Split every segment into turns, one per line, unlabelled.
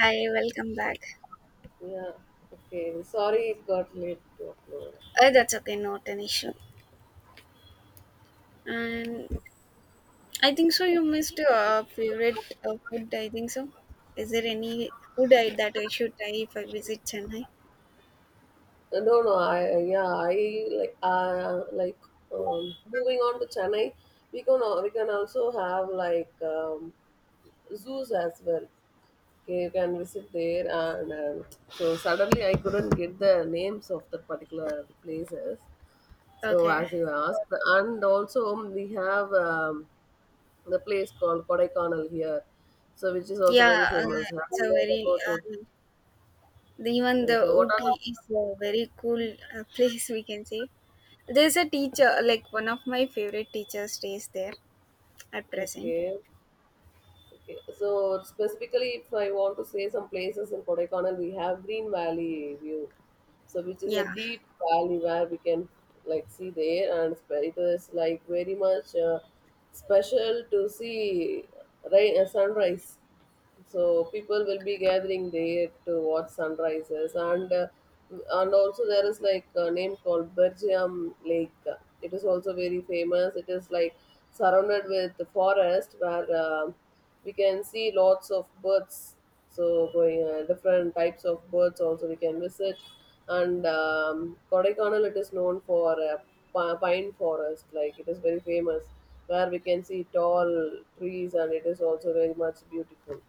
Hi, welcome back.
Yeah. Okay. Sorry, it got late to upload.
That's okay, not an issue. And I think so. You missed your favorite food, I think so. Is there any that I should try if I visit Chennai?
No, no. I yeah. I like. Like. Moving on to Chennai, we can also have zoos as well. Okay, you can visit there, and so suddenly I couldn't get the names of the particular places. So
Okay.
as you asked, and also we have the place called Kodaikanal here, so which is also
Yeah.
very famous. Have
It's a
you heard
very
about it?
even
Yeah,
the
So what
Ooty is
are
a very cool place, we can say. There's a teacher like one of my favorite teacher stays there at
the
present.
Okay, okay. So specifically, if I want to say some places in Kodaikanal, we have Green Valley view, so which is a
Yeah.
deep valley where we can like see the air, and it is like very much special to see rain, sunrise. So people will be gathering there to watch sunrises, and also there is like a name called Bergium Lake. It is also very famous. It is like surrounded with the forest where we can see lots of birds. So going different types of birds also we can visit. And Kodaikanal, it is known for pine forest. Like, it is very famous where we can see tall trees, and it is also very much beautiful.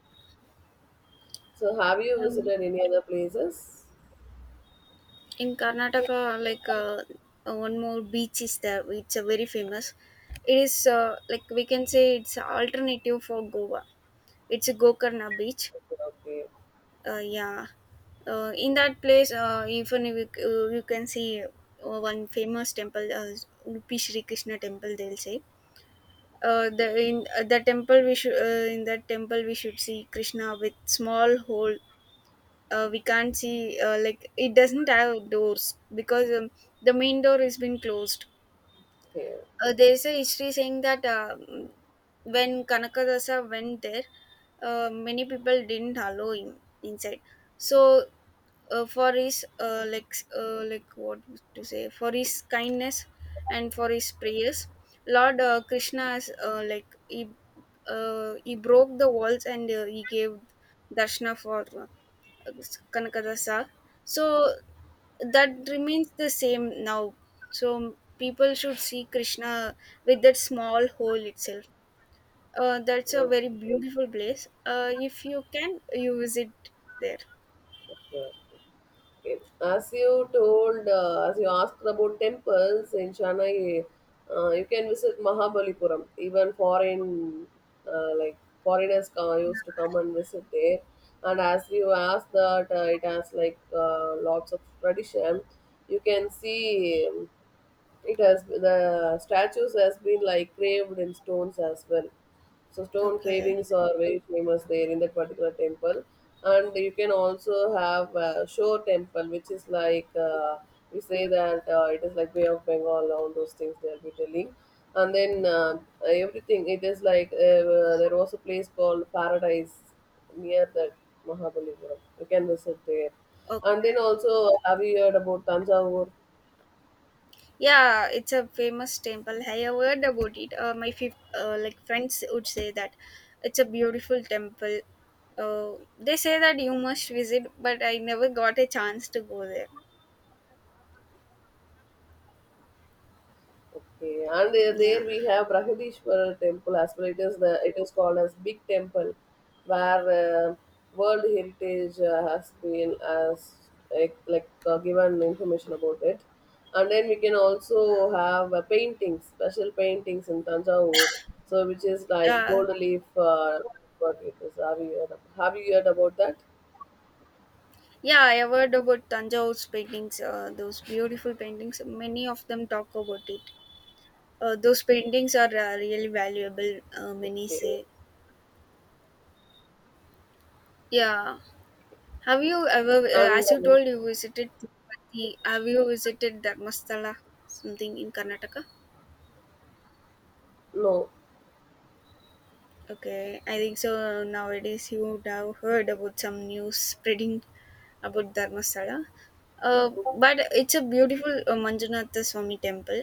So, have you
Um,
visited any other places?
in Karnataka, one more beach is there. It's a very famous. It is like we can say it's a alternative for Goa. It's a Gokarna beach.
Okay, okay,
Yeah, in that place, even you can see one famous temple, Udupi Shri Krishna temple, they'll say. The temple we should in that temple we should see Krishna with small hole. We can't see, like it doesn't have doors because the main door has been closed.
okay,
There's a history saying that when kanakadasa went there, many people didn't allow him inside. So for his what to say, for his kindness and for his prayers, lord krishna has like he broke the walls and he gave darshana for kanakadasa. So that remains the same now, so people should see krishna with that small hole itself. That's a very beautiful place. If you can, you visit there.
okay. Okay. As you told, as you asked about temples in Chennai, you can visit Mahabalipuram. Like foreigners come, used to come and visit there. And as you asked that, it has like lots of tradition. You can see. It has the statues has been like carved in stones as well. So stone
Okay,
carvings are very famous there in that particular temple, and you can also have Shore Temple, which is like we say that it is like Bay of Bengal, all those things they'll be telling, and then everything it is like there was a place called Paradise near that Mahabalipuram. You can visit there, and
okay.
then also, have you heard about Tanjavur?
Yeah, it's a famous temple, I have heard about it. Like friends would say that it's a beautiful temple. They say that you must visit, but I never got a chance to go there.
Okay, and
Yeah,
there we have Brahadishwara temple as well. It is called as big temple, where World Heritage has been as like given information about it, and then we can also have paintings, special paintings in Tanjavur, so which is like
uh,
gold leaf. What it is? Have you heard about that?
yeah. I have heard about Tanjavor's paintings. Those beautiful paintings, many of them talk about it. Those paintings are really valuable, many
Okay,
say. Yeah. Have you ever,
and
as you told, you visited Tirupati? Have you visited Dharmasthala, something in Karnataka?
no,
Okay, I think so. Nowadays, you would have heard about some news spreading about Dharmasthala. Uh, but it's a beautiful Manjunatha Swami temple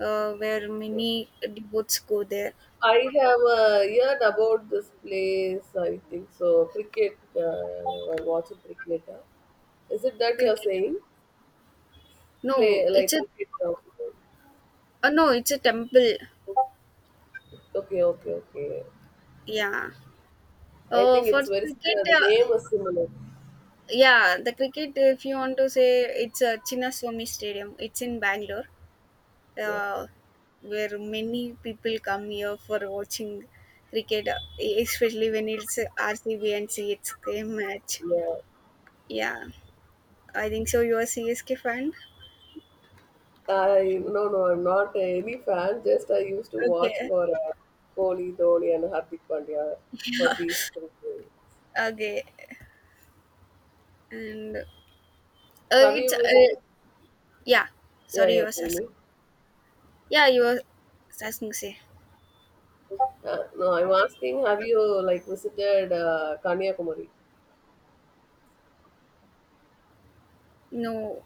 where many devotees go there.
I have heard about this place. I think so. Cricket. I watch cricket. Is it that you are
Cricket.
saying?
No,
Play
it's
like
a
cricket.
no, it's a temple.
Okay, okay, okay.
Yeah.
I
Uh,
think
for
it's very similar.
cricket,
The
uh,
name is similar.
Yeah, the cricket, if you want to say, it's a Chinnaswamy Stadium. It's in Bangalore,
Yeah,
uh, where many people come here for watching cricket, especially when it's RCB and CSK match.
yeah.
Yeah, I think so. You're CSK fan?
I No, no. I'm not any fan. Just I used to watch
Okay,
for Kohli, Dhoni, and Hardik Pandya for these things.
okay. And uh,
Have
it's,
you visited?
uh, yeah,
Yeah,
sorry, you
yeah.
were
Tell
asking.
me.
Yeah, you were asking, say.
No, I'm asking, have you like visited Kanyakumari?
No,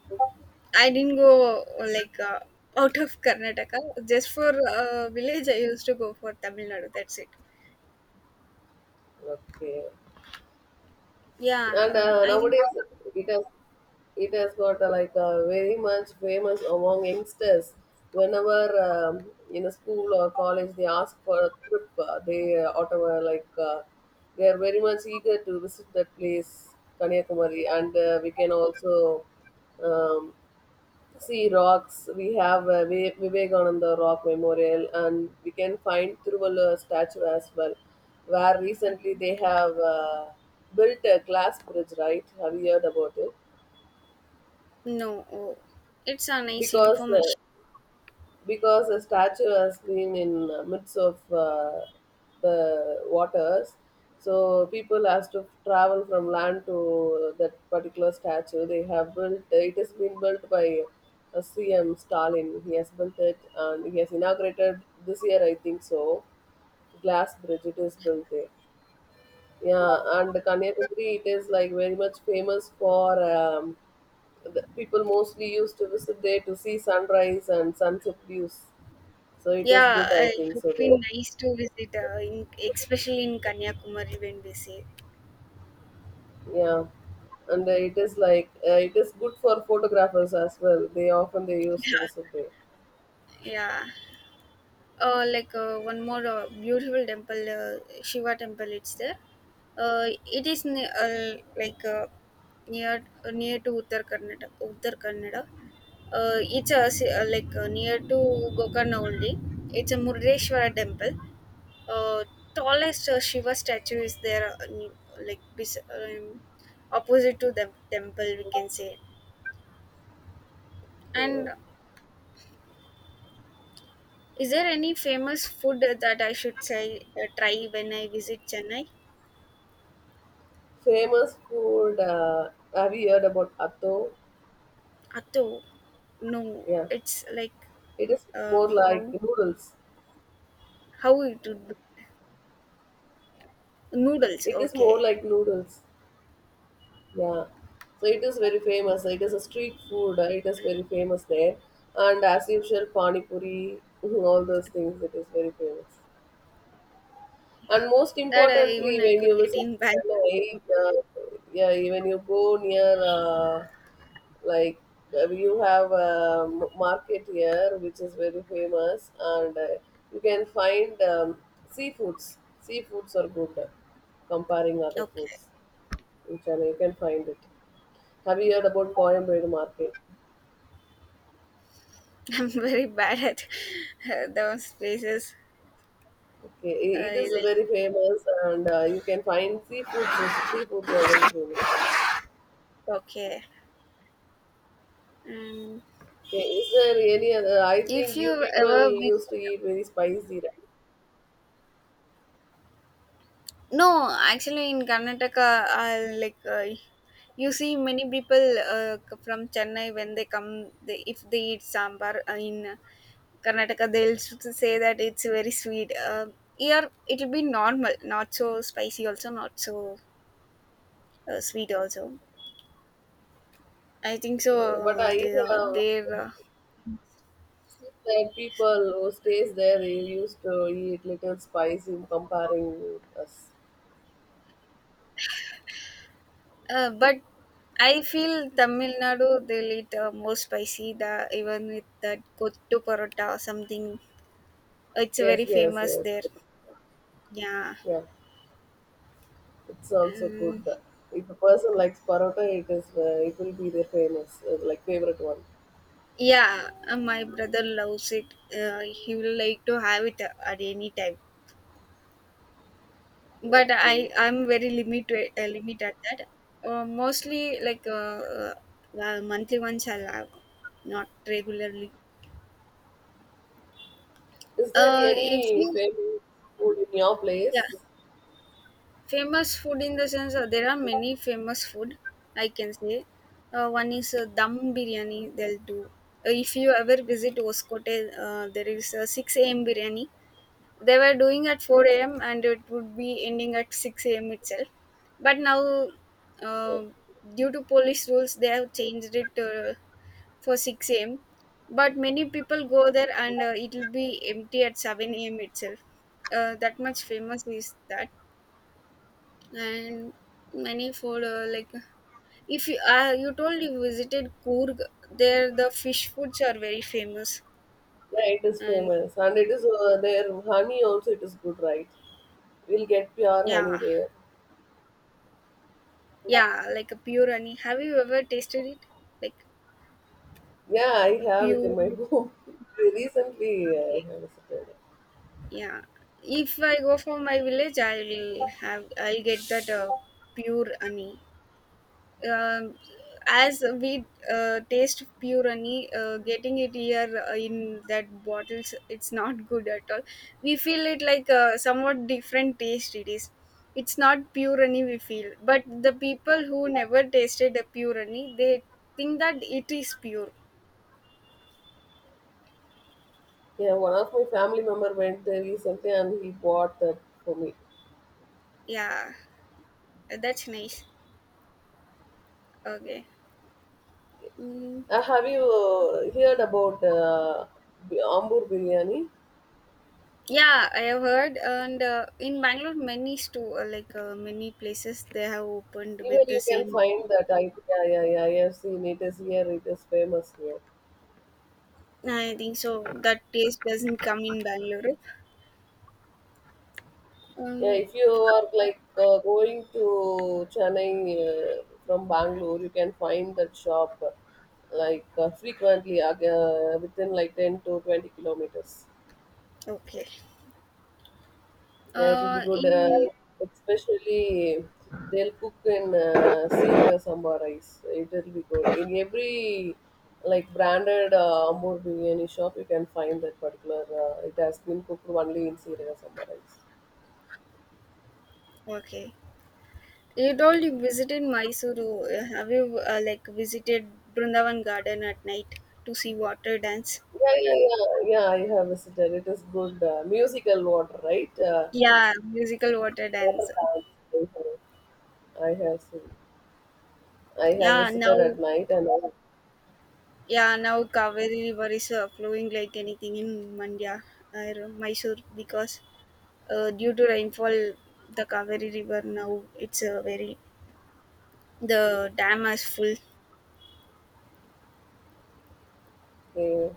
I didn't go like uh, out of Karnataka. Just for village, I used to go for Tamil Nadu, that's it.
Okay.
Yeah,
And
I think
nowadays, it has it has got very much famous among youngsters. Whenever um, in a school or college they ask for a trip, they Ottawa they are very much eager to visit that place, Kanyakumari, and we can also um, see rocks. We have Vivekananda Rock Memorial, and we can find Thiruvalur statue as well, where recently they have built a glass bridge. Right? Have you heard about it?
no. Oh, it's a nice
Because uh,
information.
because a statue was seen in midst of the waters, so people has to travel from land to that particular statue. They have built it. Has been built by CM Stalin. He has built it, and he has inaugurated this year, I think so. Glass bridge, it is built there. Yeah, and Kanyakumari, it is like very much famous for the people mostly used to visit there to see sunrise and sunset views, so it is
Yeah,
good, I
it
think
would
so there.
be nice to visit, especially in Kanyakumari when we say.
Yeah, and it is like it is good for photographers as well. They often, they used to
Yeah,
visit there.
yeah. One more beautiful temple, Shiva temple, it's there. It is ne- like near Near to Uttar Karnataka, Uttar Kannada. It's a, si- like Near to Gokarna only. It's a Murdeshwara temple. Uh, Tallest Shiva statue is there, like opposite to the temple, we can say.
Yeah.
And is there any famous food that I should say try when I visit Chennai?
Famous food, have you heard about atto?
Atto, no.
Yeah,
It's like
it is
uh,
more like
how
noodles.
how it would be. Noodles.
It is more
Okay,
like noodles yeah So it is very famous. It is a street food, it is very famous there, and as usual, pani puri all those things, it is very famous. And most
that I
importantly,
even I
when you
could get
visit
in back.
Chennai, when you go near, like, you have a market here which is very famous, and you can find seafoods. Seafoods are good, comparing other
Okay.
foods in Chennai. You can find it. Have you heard about Coimbatore market?
I'm very bad at those places.
Okay,
Uh,
it
you
is
like-
very famous, and you can find seafoods. Seafoods are very famous.
okay. Um,
Okay, is there any other? I
if
think
you
you people
ever
used
visit,
to eat very spicy, right?
no, actually in Karnataka, I like you see many people from Chennai when they come. They, if they eat sambar in Karnataka, they'll say that it's very sweet. Here it'll be normal, not so spicy, also not so sweet. Also, I think so,
But I
They are there.
have seen that people who stays there, they used to eat little spicy in comparing us.
But I feel Tamil Nadu they'll eat more spicy. The even with that kottu parotta or something, it's very
Yes, yes,
famous
yes.
there. Yeah,
Yeah, it's also good.
um,
If a person likes parotta, it will be their famous favorite one.
yeah. My brother loves it. He will like to have it at any time. But
Okay.
I'm very limit at that. Mostly like Monthly once I'll have, not regularly.
Is there
If
any
you
famous food in your
Yeah,
place?
famous food in the sense, there are many famous food, I can say. One is dum biryani they'll do. If you ever visit Oskote, there is a 6 a.m. biryani. They were doing at 4 a.m. and it would be ending at 6 a.m. itself. But now, uh, due to police rules, they have changed it for 6 a.m. But many people go there and it will be empty at 7 a.m. itself. That much famous is that. And many food, like if you you told you visited Coorg, there the fish foods are very famous.
Yeah, it is
And
famous, and it is their honey also. It is good, right? We'll get pure honey
yeah,
there.
yeah, like a pure honey. Have you ever tasted it? Like
Yeah, I
a
have it in
pure
my home. Recently, I
okay
have visited.
yeah. If I go for my village, I will have I'll get that pure honey. Um, as we taste purani, getting it here in that bottles it's not good at all, we feel it like a somewhat different taste it is, it's not purani we feel, but the people who never tasted the purani they think that it is pure.
Yeah, one of my family member went there recently and he bought that for me.
Yeah, that's nice. Okay. Mm.
Have you heard about Ambur biryani?
Yeah, I have heard, and in bangalore many store, many places they have opened with
Even
the
you can
same.
find that. Yeah, yeah, yeah, I have seen it is here. It is famous here.
I think so that taste doesn't come in Bangalore.
Yeah,
Um,
if you are like going to Chennai from Bangalore, you can find that shop frequently within like 10 to 20 kilometers.
okay.
Yeah, it will be good,
In
especially they'll cook in seeker sambar rice. It will be good. In every like branded Amur biryani shop, you can find that particular, it has been cooked only in seeker sambar rice.
Okay. You told you visited Mysuru. Have you like visited Brindavan Garden at night to see water dance?
Yeah, yeah, yeah, yeah. I have visited. It is good. Musical water, right?
Yeah, musical water dance.
Water dance. I have seen. I have
Yeah,
visited
now
at night, and
yeah now Kaveri River is flowing like anything in Mandya or Mysore because due to rainfall, the Kaveri River now it's very the dam is full.
yeah,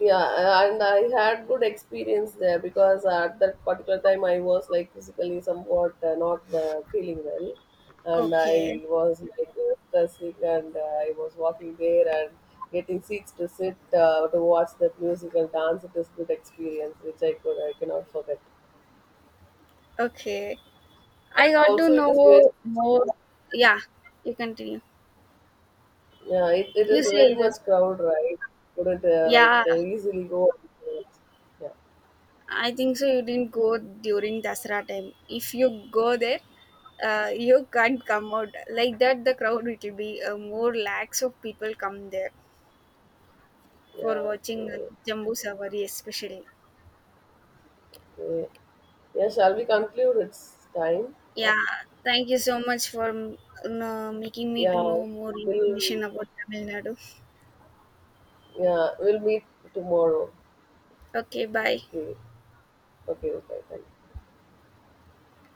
yeah, and I had good experience there because at that particular time I was like physically somewhat not feeling well, and
Okay,
I was like stressing, and I was walking there and getting seats to sit to watch that musical dance. It is good experience which I cannot forget.
okay. I got to
Also, it is very
know more. Yeah, you continue.
yeah, it
You
is
say
very much
yes.
crowd, right? Couldn't
Yeah,
easily go. Yeah,
I think so, you didn't go during Dasra time. If you go there, you can't come out like that. The crowd it will be more lakhs of people come there for
yeah,
watching
okay,
Jambu Savari especially.
okay. Yeah, shall we conclude? It's time up.
Yeah, thank you so much for making me to
Yeah,
know more information
we'll
about Tamil Nadu.
yeah, we'll meet tomorrow.
Okay, bye.
Okay, okay, okay. Thank you.